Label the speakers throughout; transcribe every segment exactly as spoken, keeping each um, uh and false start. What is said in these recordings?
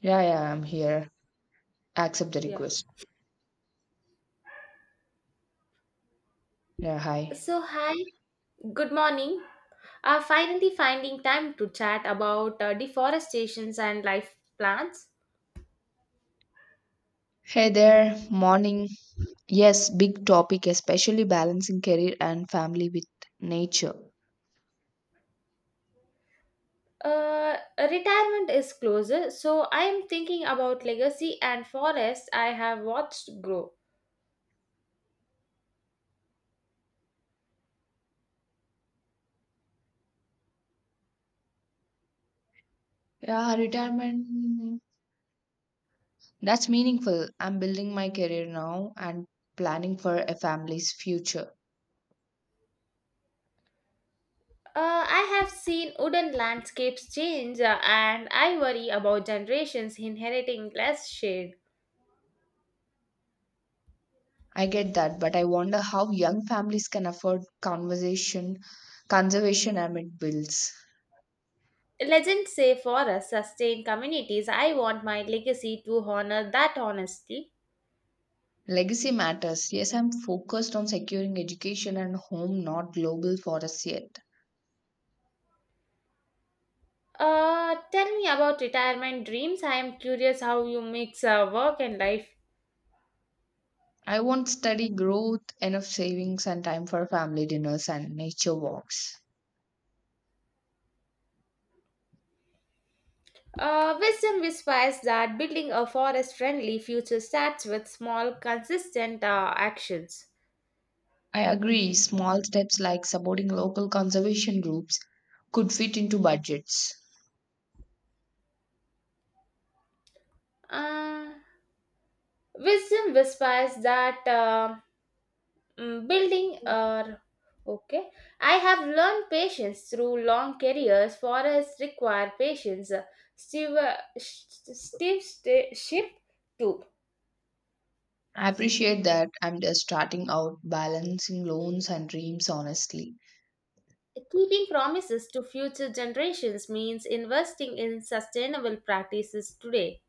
Speaker 1: Yeah, yeah, I'm here. Accept the
Speaker 2: Yeah.
Speaker 1: request. Yeah, hi.
Speaker 2: So, hi, good morning. Uh, finally finding time to chat about uh, deforestations and life plans.
Speaker 1: Hey there, morning. Yes, big topic, especially balancing career and family with nature.
Speaker 2: Uh, retirement is closer, so I am thinking about legacy and forests I have watched grow.
Speaker 1: Yeah, retirement. That's meaningful. I'm building my career now and planning for a family's future.
Speaker 2: Uh, I have seen wooden landscapes change, uh, and I worry about generations inheriting less shade.
Speaker 1: I get that, but I wonder how young families can afford conversation, conservation amid bills.
Speaker 2: Legends say forests sustain communities. I want my legacy to honor that honesty.
Speaker 1: Legacy matters. Yes, I'm focused on securing education and home, not global forests yet.
Speaker 2: Uh, tell me about retirement dreams. I am curious how you mix uh, work and life.
Speaker 1: I won't study growth, enough savings, and time for family dinners and nature walks.
Speaker 2: Uh, wisdom whispers that building a forest friendly future starts with small, consistent uh, actions.
Speaker 1: I agree, small steps like supporting local conservation groups could fit into budgets.
Speaker 2: Uh, wisdom whispers that uh, mm, building a Okay, I have learned patience through long careers. Forests require patience. Steve, uh, sh- Steve st- ship too.
Speaker 1: I appreciate that I'm just starting out balancing loans and dreams honestly.
Speaker 2: Keeping promises to future generations means investing in sustainable practices today.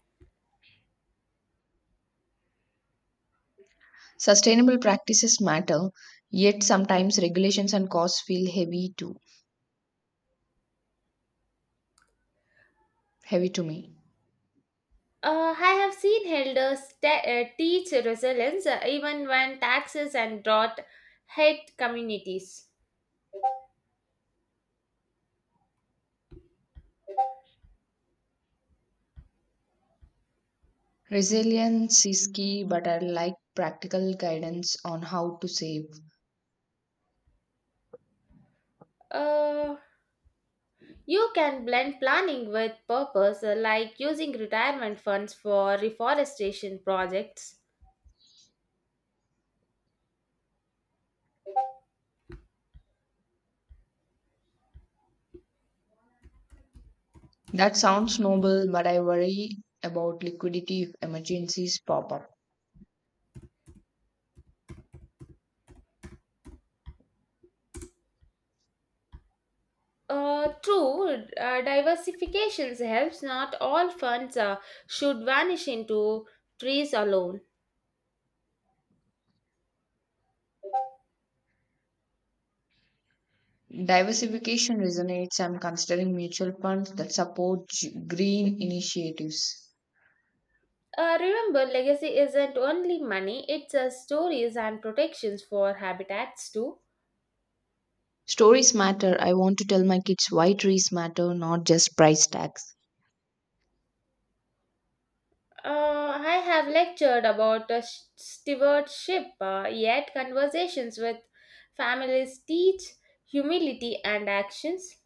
Speaker 1: Sustainable practices matter, yet sometimes regulations and costs feel heavy too heavy to me.
Speaker 2: Uh, I have seen elders te- uh, teach resilience uh, even when taxes and drought hit communities.
Speaker 1: Resilience is key, but I like practical guidance on how to save.
Speaker 2: Uh, you can blend planning with purpose, uh, like using retirement funds for reforestation projects.
Speaker 1: That sounds noble, but I worry about liquidity if emergencies pop up.
Speaker 2: Uh, true, uh, diversification helps. Not all funds uh, should vanish into trees alone.
Speaker 1: Diversification resonates. I'm considering mutual funds that support g- green initiatives.
Speaker 2: Uh, remember, legacy isn't only money, it's uh, stories and protections for habitats too.
Speaker 1: Stories matter. I want to tell my kids why trees matter, not just price tags.
Speaker 2: Uh, I have lectured about uh, sh- stewardship, uh, yet, conversations with families teach humility and actions.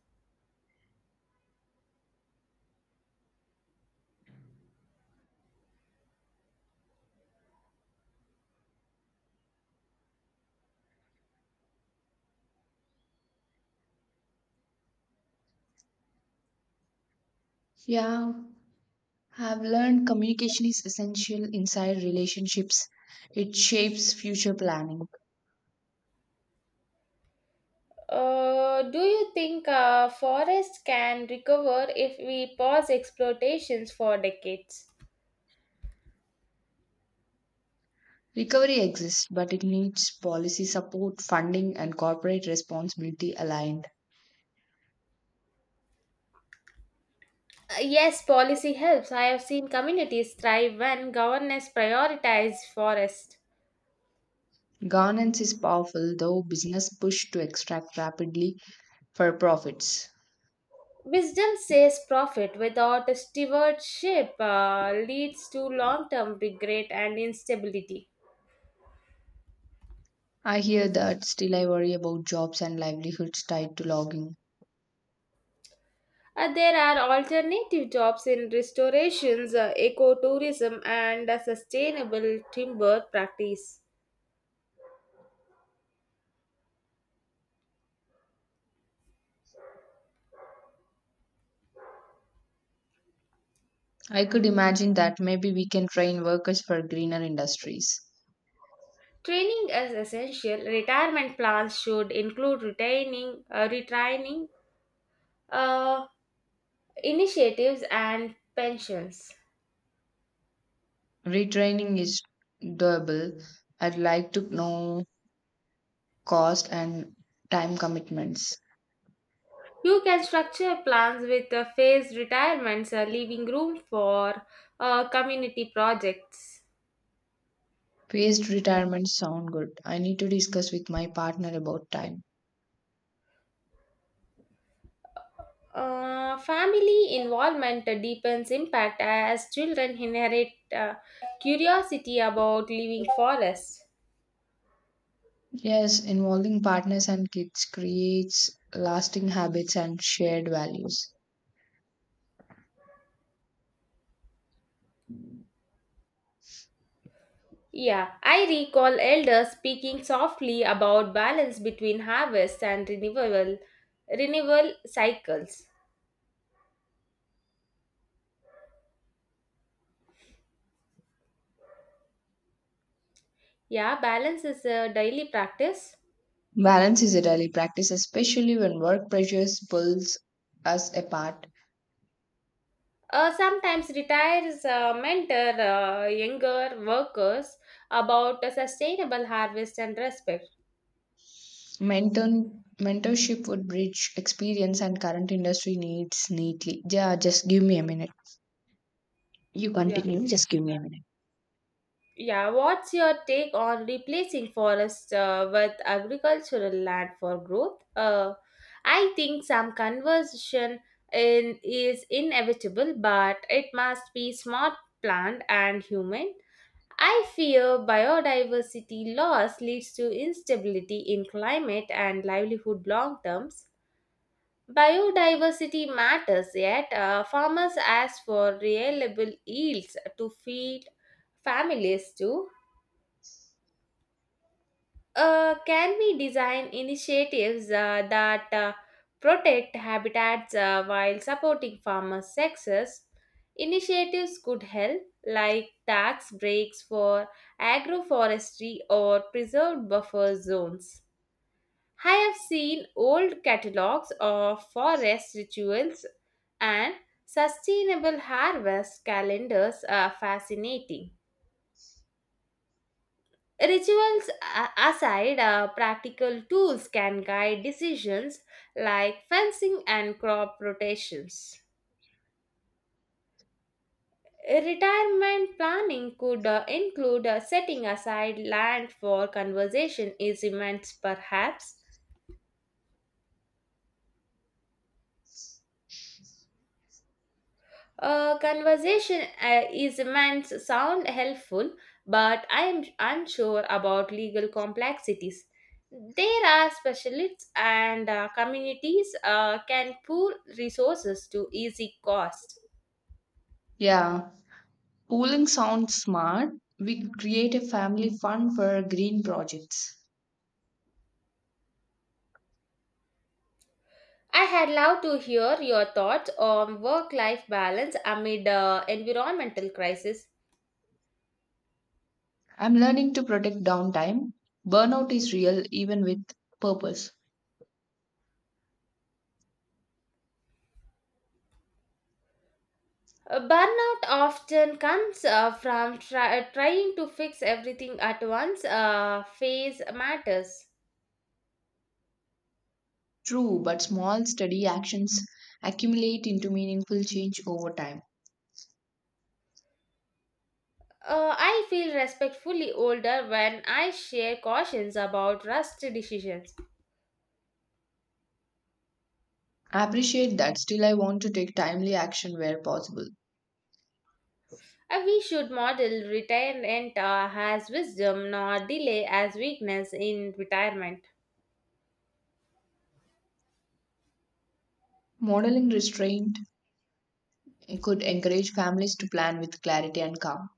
Speaker 1: Yeah, I've learned communication is essential inside relationships. It shapes future planning.
Speaker 2: Uh, do you think uh, forests can recover if we pause exploitations for decades?
Speaker 1: Recovery exists, but it needs policy support, funding, and corporate responsibility aligned.
Speaker 2: Uh, Yes, policy helps. I have seen communities thrive when governance prioritizes forest.
Speaker 1: Governance is powerful, though business push to extract rapidly for profits.
Speaker 2: Wisdom says profit without stewardship uh, leads to long term regret and instability.
Speaker 1: I hear that, still, I worry about jobs and livelihoods tied to logging.
Speaker 2: Uh, there are alternative jobs in restorations, uh, ecotourism, and a sustainable timber practice.
Speaker 1: I could imagine that maybe we can train workers for greener industries.
Speaker 2: Training is essential. Retirement plans should include retaining, uh, retraining uh, initiatives and pensions.
Speaker 1: Retraining is doable. I'd like to know cost and time commitments.
Speaker 2: You can structure plans with uh, phased retirements, uh, leaving room for uh, community projects.
Speaker 1: Phased retirements sound good. I need to discuss with my partner about time.
Speaker 2: Uh, family involvement uh, deepens impact as children inherit uh, curiosity about living forests.
Speaker 1: Yes, involving partners and kids creates lasting habits and shared values.
Speaker 2: Yeah, I recall elders speaking softly about balance between harvest and renewal, renewal cycles. Yeah, balance is a daily practice.
Speaker 1: Balance is a daily practice, especially when work pressures pulls us apart.
Speaker 2: Uh, sometimes retires uh, mentor uh, younger workers about a sustainable harvest and respect.
Speaker 1: Mentor, mentorship would bridge experience and current industry needs neatly. Yeah, just give me a minute. You
Speaker 2: Yeah,
Speaker 1: continue, just give me a minute.
Speaker 2: yeah. What's your take on replacing forest uh, with agricultural land for growth? Uh, I think some conversion in, is inevitable, but it must be smart, planned, and human. I fear biodiversity loss leads to instability in climate and livelihood long terms. Biodiversity matters, yet uh, farmers ask for reliable yields to feed families too. Uh, can we design initiatives uh, that uh, protect habitats uh, while supporting farmers' success? Initiatives could help, like tax breaks for agroforestry or preserved buffer zones. I have seen old catalogs of forest rituals and sustainable harvest calendars are fascinating. Rituals a- aside, uh, practical tools can guide decisions like fencing and crop rotations. Retirement planning could uh, include uh, setting aside land for conservation instruments, perhaps. Uh, conversation uh, is meant sound helpful, but I am unsure about legal complexities. There are specialists and uh, communities uh, can pool resources to easy cost.
Speaker 1: Yeah, pooling sounds smart. We could create a family fund for green projects.
Speaker 2: I had loved to hear your thoughts on work-life balance amid uh, environmental crisis.
Speaker 1: I'm learning to protect downtime. Burnout is real even with purpose.
Speaker 2: Uh, Burnout often comes uh, from try- trying to fix everything at once. Uh, phase matters.
Speaker 1: True, but small, steady actions accumulate into meaningful change over time.
Speaker 2: Uh, I feel respectfully older when I share cautions about rushed decisions.
Speaker 1: I appreciate that. Still, I want to take timely action where possible.
Speaker 2: Uh, we should model retirement uh, as wisdom, not delay as weakness in retirement.
Speaker 1: Modeling restraint could encourage families to plan with clarity and calm.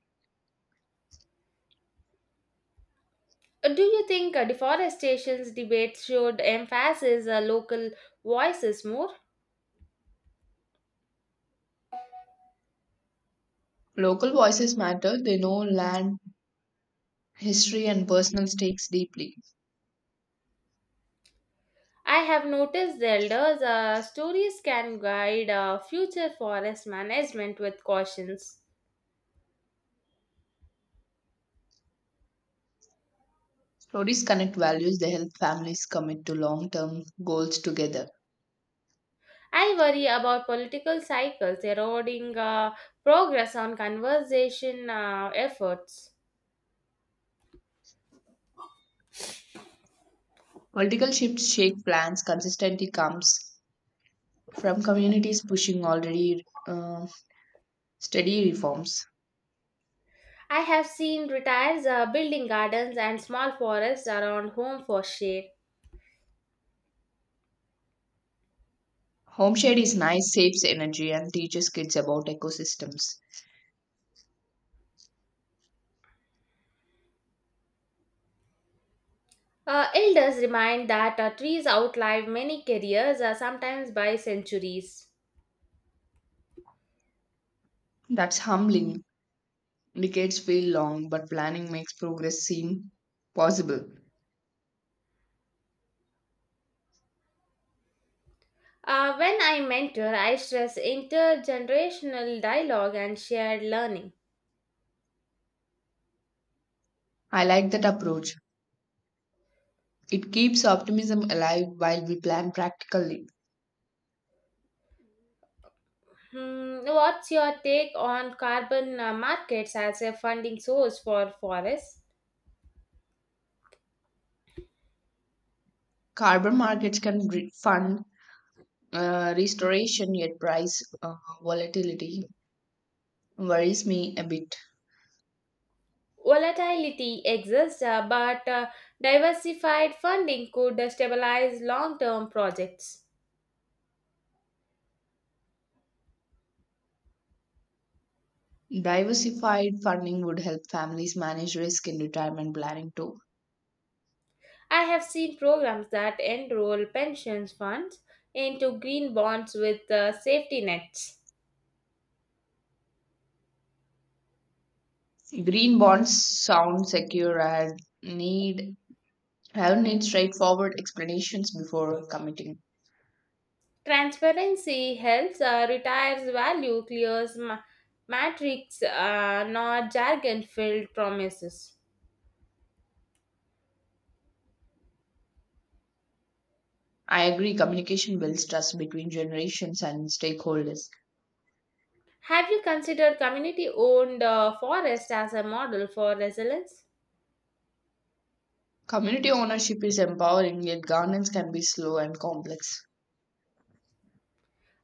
Speaker 2: Uh, do you think uh, deforestation debates should emphasize uh, local voices more?
Speaker 1: Local voices matter, they know land, history, and personal stakes deeply.
Speaker 2: I have noticed the elders' uh, stories can guide uh, future forest management with cautions.
Speaker 1: Stories connect values, they help families commit to long term goals together.
Speaker 2: I worry about political cycles eroding uh, progress on conservation uh, efforts.
Speaker 1: Political shifts shake plans consistently comes from communities pushing already uh, steady reforms.
Speaker 2: I have seen retirees uh, building gardens and small forests around home for shade.
Speaker 1: Home shade is nice, saves energy, and teaches kids about ecosystems.
Speaker 2: Uh, elders remind that uh, trees outlive many careers, uh, sometimes by centuries.
Speaker 1: That's humbling. Decades feel long, but planning makes progress seem possible.
Speaker 2: Uh, when I mentor, I stress intergenerational dialogue and shared learning.
Speaker 1: I like that approach. It keeps optimism alive while we plan practically.
Speaker 2: Hmm, what's your take on carbon uh, markets as a funding source for forests?
Speaker 1: Carbon markets can re- fund uh, restoration, yet price uh, volatility worries me a bit.
Speaker 2: Volatility exists, uh, but uh, diversified funding could uh, stabilize long term projects.
Speaker 1: Diversified funding would help families manage risk in retirement planning too.
Speaker 2: I have seen programs that enroll pension funds into green bonds with uh, safety nets.
Speaker 1: Green bonds sound secure and need have need straightforward explanations before committing.
Speaker 2: Transparency helps, uh, retires value, clears ma- matrix, uh, not jargon filled promises.
Speaker 1: I agree communication builds trust between generations and stakeholders.
Speaker 2: Have you considered community owned uh, forest as a model for resilience?
Speaker 1: Community ownership is empowering yet governance can be slow and complex.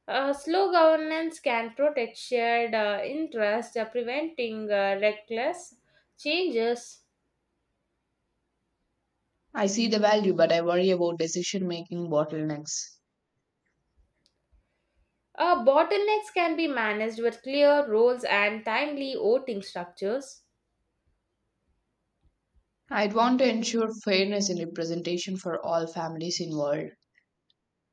Speaker 2: Uh, slow governance can protect shared uh, interests, uh, preventing uh, reckless changes.
Speaker 1: I see the value but I worry about decision making bottlenecks.
Speaker 2: Uh, bottlenecks can be managed with clear roles and timely voting structures.
Speaker 1: I'd want to ensure fairness in representation for all families involved.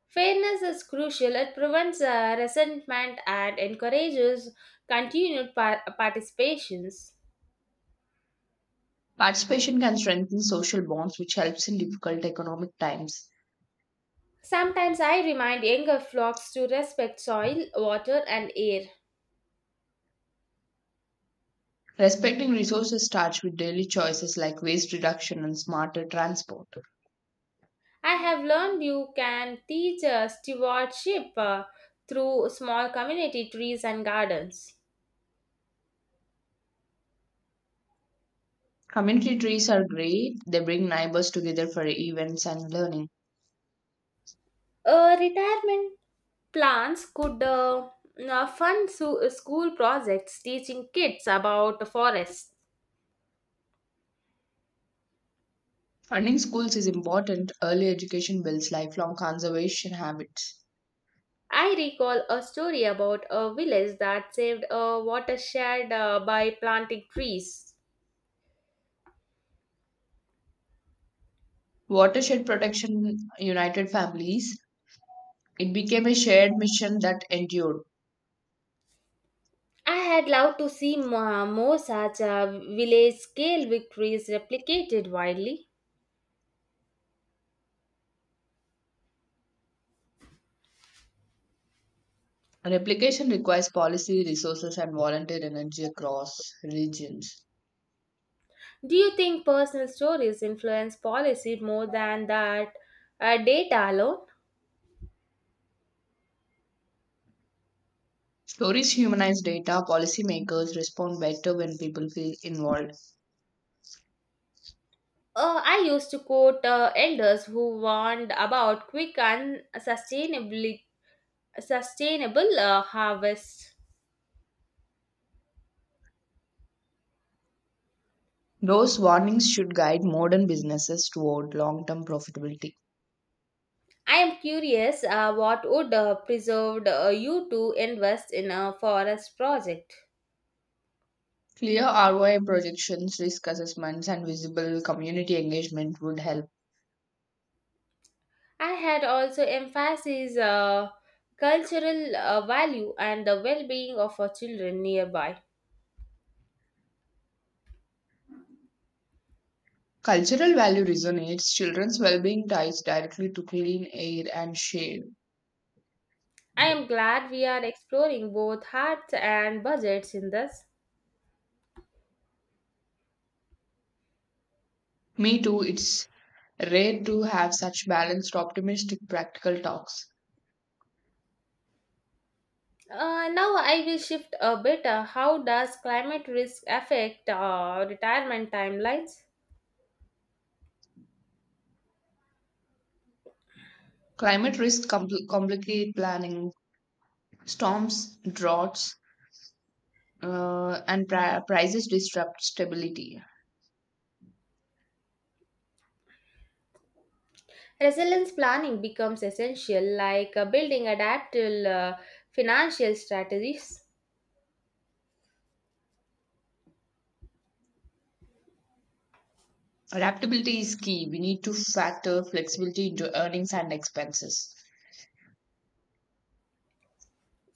Speaker 2: Fairness is crucial, it prevents uh, resentment and encourages continued par- participations.
Speaker 1: Participation can strengthen social bonds, which helps in difficult economic times.
Speaker 2: Sometimes I remind younger flocks to respect soil, water, and air.
Speaker 1: Respecting resources starts with daily choices like waste reduction and smarter transport.
Speaker 2: I have learned you can teach uh, stewardship uh, through small community trees and gardens.
Speaker 1: Community trees are great, they bring neighbors together for events and learning.
Speaker 2: Uh, retirement plans could uh, uh, fund su- school projects teaching kids about forests.
Speaker 1: Funding schools is important. Early education builds lifelong conservation habits.
Speaker 2: I recall a story about a village that saved a watershed uh, by planting trees.
Speaker 1: Watershed protection united families. It became a shared mission that endured.
Speaker 2: I had loved to see mo- more such uh, village scale victories replicated widely.
Speaker 1: Replication requires policy, resources, and volunteer energy across regions.
Speaker 2: Do you think personal stories influence policy more than that uh, data alone?
Speaker 1: Stories humanize data, policymakers respond better when people feel involved.
Speaker 2: Uh, I used to quote uh, elders who warned about quick and sustainably, sustainable uh, harvests.
Speaker 1: Those warnings should guide modern businesses toward long term profitability.
Speaker 2: I am curious uh, what would uh, preserved uh, you to invest in a forest project.
Speaker 1: Clear R O I projections, risk assessments, and visible community engagement would help.
Speaker 2: I had also emphasized uh, cultural uh, value and the well-being of our children nearby.
Speaker 1: Cultural value resonates, children's well being ties directly to clean air and shade.
Speaker 2: I am glad we are exploring both hearts and budgets in this.
Speaker 1: Me too, it's rare to have such balanced, optimistic, practical talks.
Speaker 2: Uh, now I will shift a bit. Uh, how does climate risk affect uh, retirement timelines?
Speaker 1: Climate risks compl- complicate planning. Storms, droughts, uh, and pri- prices disrupt stability.
Speaker 2: Resilience planning becomes essential, like uh, building adaptable uh, financial strategies.
Speaker 1: Adaptability is key. We need to factor flexibility into earnings and expenses.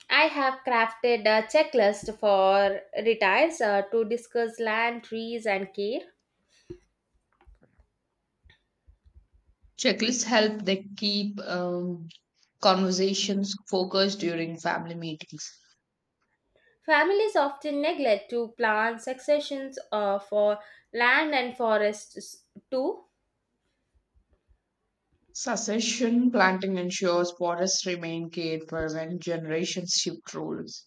Speaker 2: I have crafted a checklist for retires uh, to discuss land, trees, and care.
Speaker 1: Checklists help. They keep um, conversations focused during family meetings.
Speaker 2: Families often neglect to plan successions uh, for land and forests too.
Speaker 1: Succession planting ensures forests remain cared for when generations shift roles.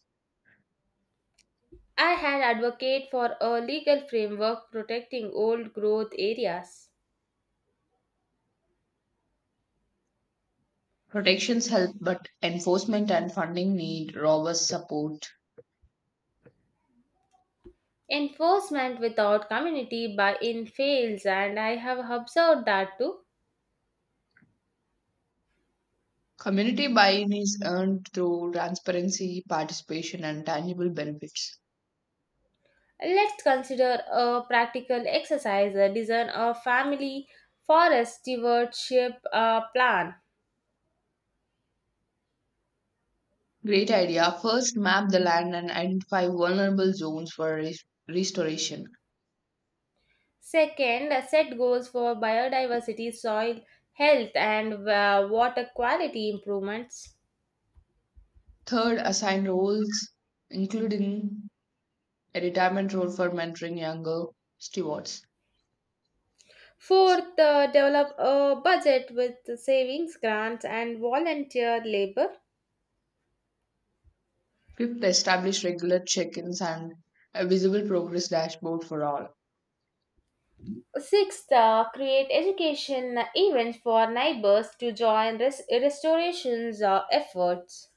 Speaker 2: I had advocated for a legal framework protecting old growth areas.
Speaker 1: Protections help, but enforcement and funding need robust support.
Speaker 2: Enforcement without community buy-in fails and I have observed that too.
Speaker 1: Community buy in is earned through transparency, participation, and tangible benefits.
Speaker 2: Let's consider a practical exercise, a design a family forest stewardship uh, plan.
Speaker 1: Great idea. First, map the land and identify vulnerable zones for res- restoration.
Speaker 2: Second, set goals for biodiversity, soil health and uh, water quality improvements.
Speaker 1: Third, assign roles, including a retirement role for mentoring younger stewards.
Speaker 2: Fourth, uh, develop a budget with savings, grants, and volunteer labor.
Speaker 1: Fifth, establish regular check ins and a visible progress dashboard for all.
Speaker 2: Sixth, uh, create education events for neighbors to join res- restorations uh, efforts.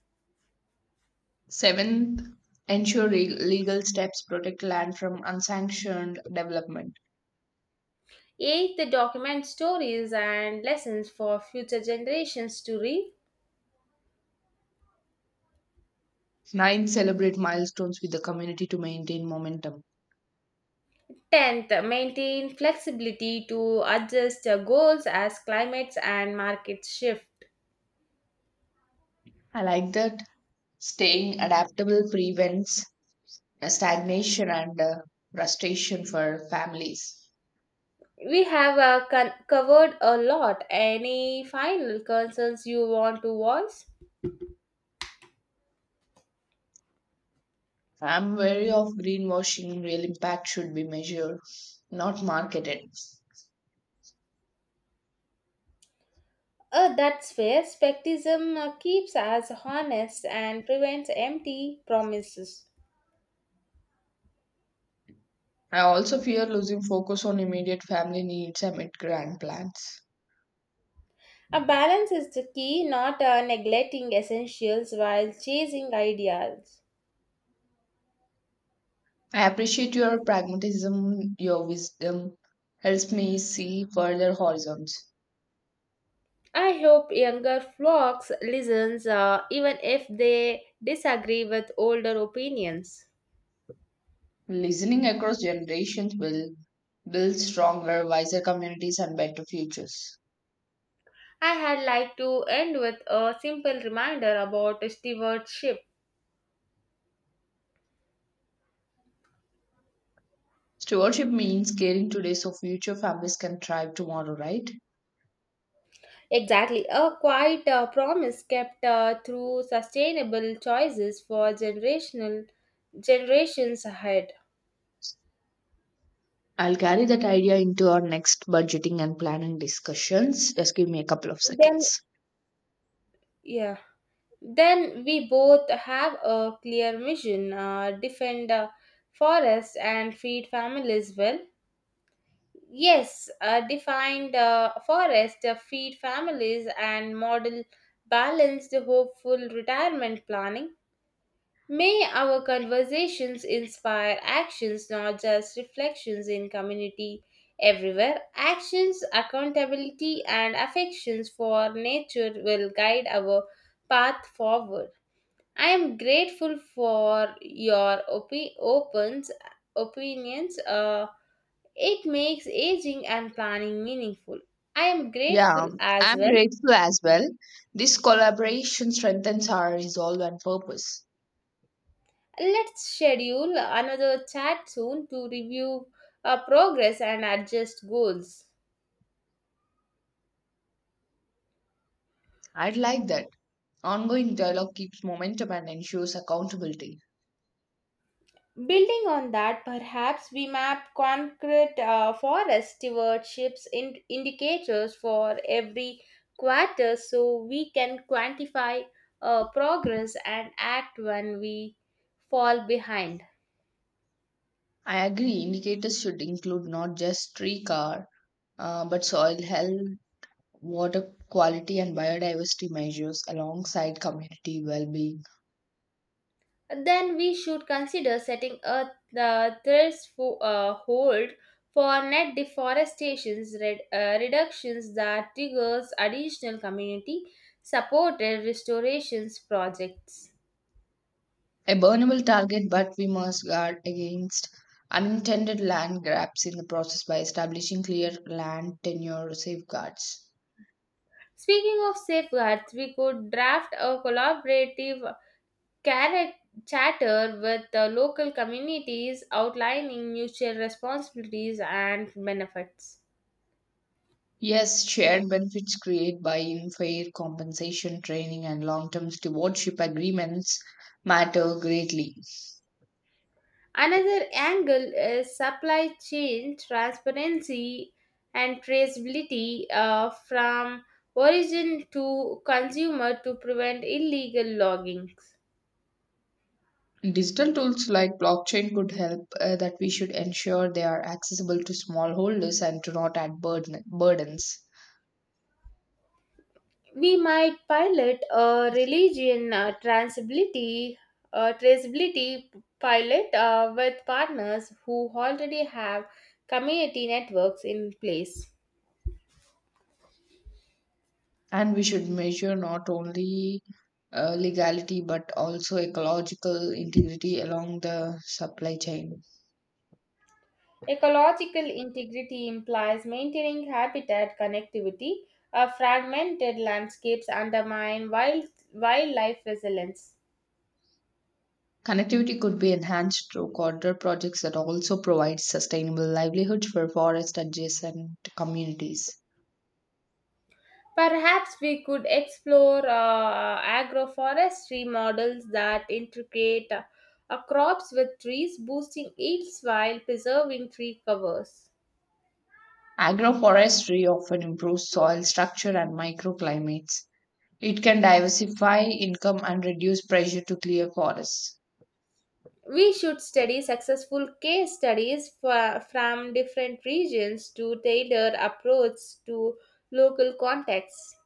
Speaker 1: Seventh, ensure re- legal steps protect land from unsanctioned development.
Speaker 2: Eighth, document stories and lessons for future generations to read.
Speaker 1: Ninth, celebrate milestones with the community to maintain momentum.
Speaker 2: Tenth, maintain flexibility to adjust uh, goals as climates and markets shift.
Speaker 1: I like that staying adaptable prevents uh, stagnation and uh, frustration for families.
Speaker 2: We have uh, con- covered a lot. Any final concerns you want to voice?
Speaker 1: I'm wary of greenwashing. Real impact should be measured, not marketed.
Speaker 2: Uh, that's fair. Skepticism uh, keeps us honest and prevents empty promises.
Speaker 1: I also fear losing focus on immediate family needs amid grand plans.
Speaker 2: A balance is the key, not uh, neglecting essentials while chasing ideals.
Speaker 1: I appreciate your pragmatism, your wisdom helps me see further horizons.
Speaker 2: I hope younger flocks listens uh, even if they disagree with older opinions.
Speaker 1: Listening across generations will build stronger, wiser communities and better futures.
Speaker 2: I had like to end with a simple reminder about stewardship.
Speaker 1: Stewardship means caring today so future families can thrive tomorrow, right?
Speaker 2: Exactly, a quiet uh, promise kept uh, through sustainable choices for generational generations ahead.
Speaker 1: I'll carry that idea into our next budgeting and planning discussions. Just give me a couple of
Speaker 2: Then,
Speaker 1: seconds.
Speaker 2: yeah, then we both have a clear mission: uh, defend uh, forests and feed families well. Yes, uh, defined uh, forest, uh, feed families, and model balanced, hopeful retirement planning. May our conversations inspire actions, not just reflections in community everywhere. Actions, accountability, and affections for nature will guide our path forward. I am grateful for your opi- opens, opinions. Uh, it makes aging and planning meaningful. I am
Speaker 1: Yeah,
Speaker 2: grateful as
Speaker 1: I'm
Speaker 2: well.
Speaker 1: grateful as well. This collaboration strengthens our resolve and purpose.
Speaker 2: Let's schedule another chat soon to review our progress and adjust goals.
Speaker 1: I'd like that. Ongoing dialogue keeps momentum and ensures accountability.
Speaker 2: Building on that, perhaps we map concrete uh, forest stewardships in- indicators for every quarter so we can quantify uh, progress and act when we fall behind.
Speaker 1: I agree, indicators should include not just tree car, uh, but soil health, water quality and biodiversity measures alongside community well-being.
Speaker 2: Then we should consider setting a uh, threshold uh, hold for net deforestation red, uh, reductions that triggers additional community supported restorations projects.
Speaker 1: A burnable target, but we must guard against unintended land grabs in the process by establishing clear land tenure safeguards.
Speaker 2: Speaking of safeguards, we could draft a collaborative charac- charter with the local communities outlining mutual responsibilities and benefits.
Speaker 1: Yes, shared benefits created by in fair compensation training and long-term stewardship agreements matter greatly.
Speaker 2: Another angle is supply chain transparency and traceability uh, from origin to consumer to prevent illegal loggings.
Speaker 1: Digital tools like blockchain could help uh, that we should ensure they are accessible to smallholders and to not add burden, burdens.
Speaker 2: We might pilot a religion uh, traceability, uh, traceability pilot uh, with partners who already have community networks in place.
Speaker 1: And we should measure not only uh, legality but also ecological integrity along the supply chain.
Speaker 2: Ecological integrity implies maintaining habitat connectivity. Uh, fragmented landscapes undermine wild, wildlife resilience.
Speaker 1: Connectivity could be enhanced through corridor projects that also provide sustainable livelihoods for forest adjacent communities.
Speaker 2: Perhaps we could explore uh, agroforestry models that integrate uh, uh, crops with trees, boosting yields while preserving tree covers.
Speaker 1: Agroforestry often improves soil structure and microclimates. It can diversify income and reduce pressure to clear forests.
Speaker 2: We should study successful case studies for, from different regions to tailor approach to local contexts.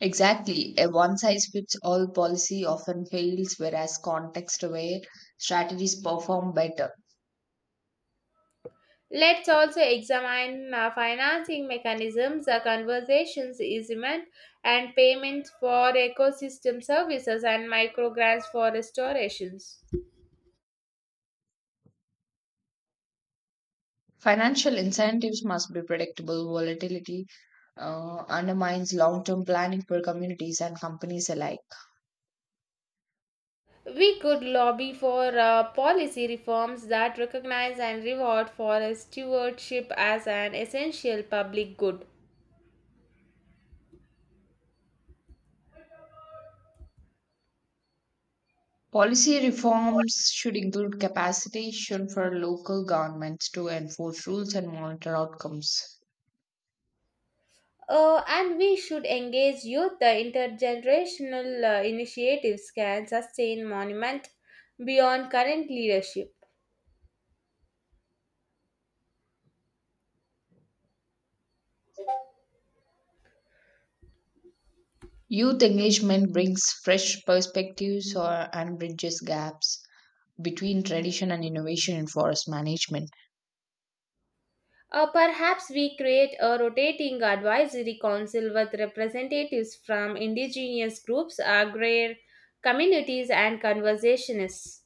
Speaker 1: Exactly. A one size fits all policy often fails, whereas context aware strategies perform better.
Speaker 2: Let's also examine uh, financing mechanisms, uh, conversations, easement, and payments for ecosystem services and microgrants for restorations.
Speaker 1: Financial incentives must be predictable. Volatility uh, undermines long term planning for communities and companies alike.
Speaker 2: We could lobby for uh, policy reforms that recognize and reward forest stewardship as an essential public good.
Speaker 1: Policy reforms should include capacitation for local governments to enforce rules and monitor outcomes.
Speaker 2: Uh, and we should engage youth. The intergenerational uh, initiatives can sustain monument beyond current leadership.
Speaker 1: Youth engagement brings fresh perspectives or, and bridges gaps between tradition and innovation in forest management.
Speaker 2: Uh, perhaps we create a rotating advisory council with representatives from indigenous groups, agrarian communities, and conservationists.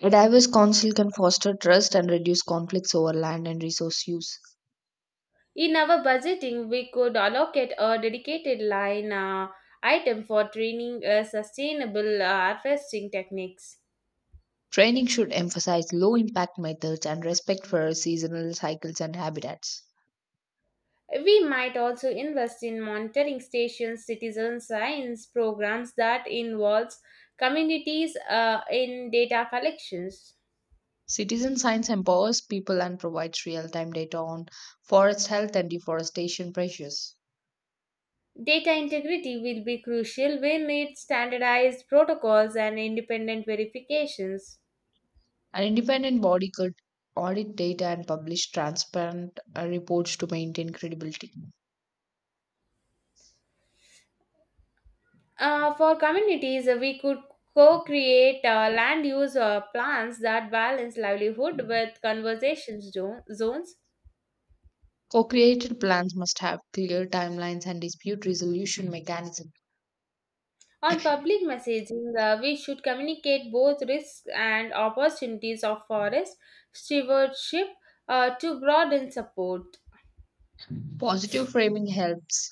Speaker 1: A diverse council can foster trust and reduce conflicts over land and resource use.
Speaker 2: In our budgeting, we could allocate a dedicated line uh, item for training uh, sustainable uh, harvesting techniques.
Speaker 1: Training should emphasize low impact methods and respect for seasonal cycles and habitats.
Speaker 2: We might also invest in monitoring stations, citizen science programs that involves communities uh, in data collections.
Speaker 1: Citizen science empowers people and provides real time data on forest health and deforestation pressures.
Speaker 2: Data integrity will be crucial. We'll need standardized protocols and independent verifications.
Speaker 1: An independent body could audit data and publish transparent uh, reports to maintain credibility.
Speaker 2: Uh, for communities, uh, we could co create uh, land use uh, plans that balance livelihood with conservation zo- zones.
Speaker 1: Co created plans must have clear timelines and dispute resolution mechanisms.
Speaker 2: On public messaging, uh, we should communicate both risks and opportunities of forest stewardship uh, to broaden support.
Speaker 1: Positive framing helps.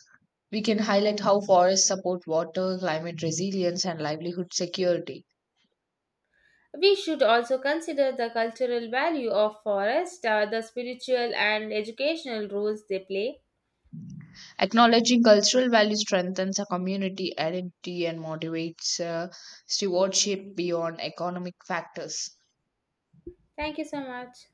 Speaker 1: We can highlight how forests support water, climate resilience, and livelihood security.
Speaker 2: We should also consider the cultural value of forest, uh, the spiritual and educational roles they play.
Speaker 1: Acknowledging cultural value strengthens a community identity and motivates uh, stewardship beyond economic factors.
Speaker 2: Thank you so much.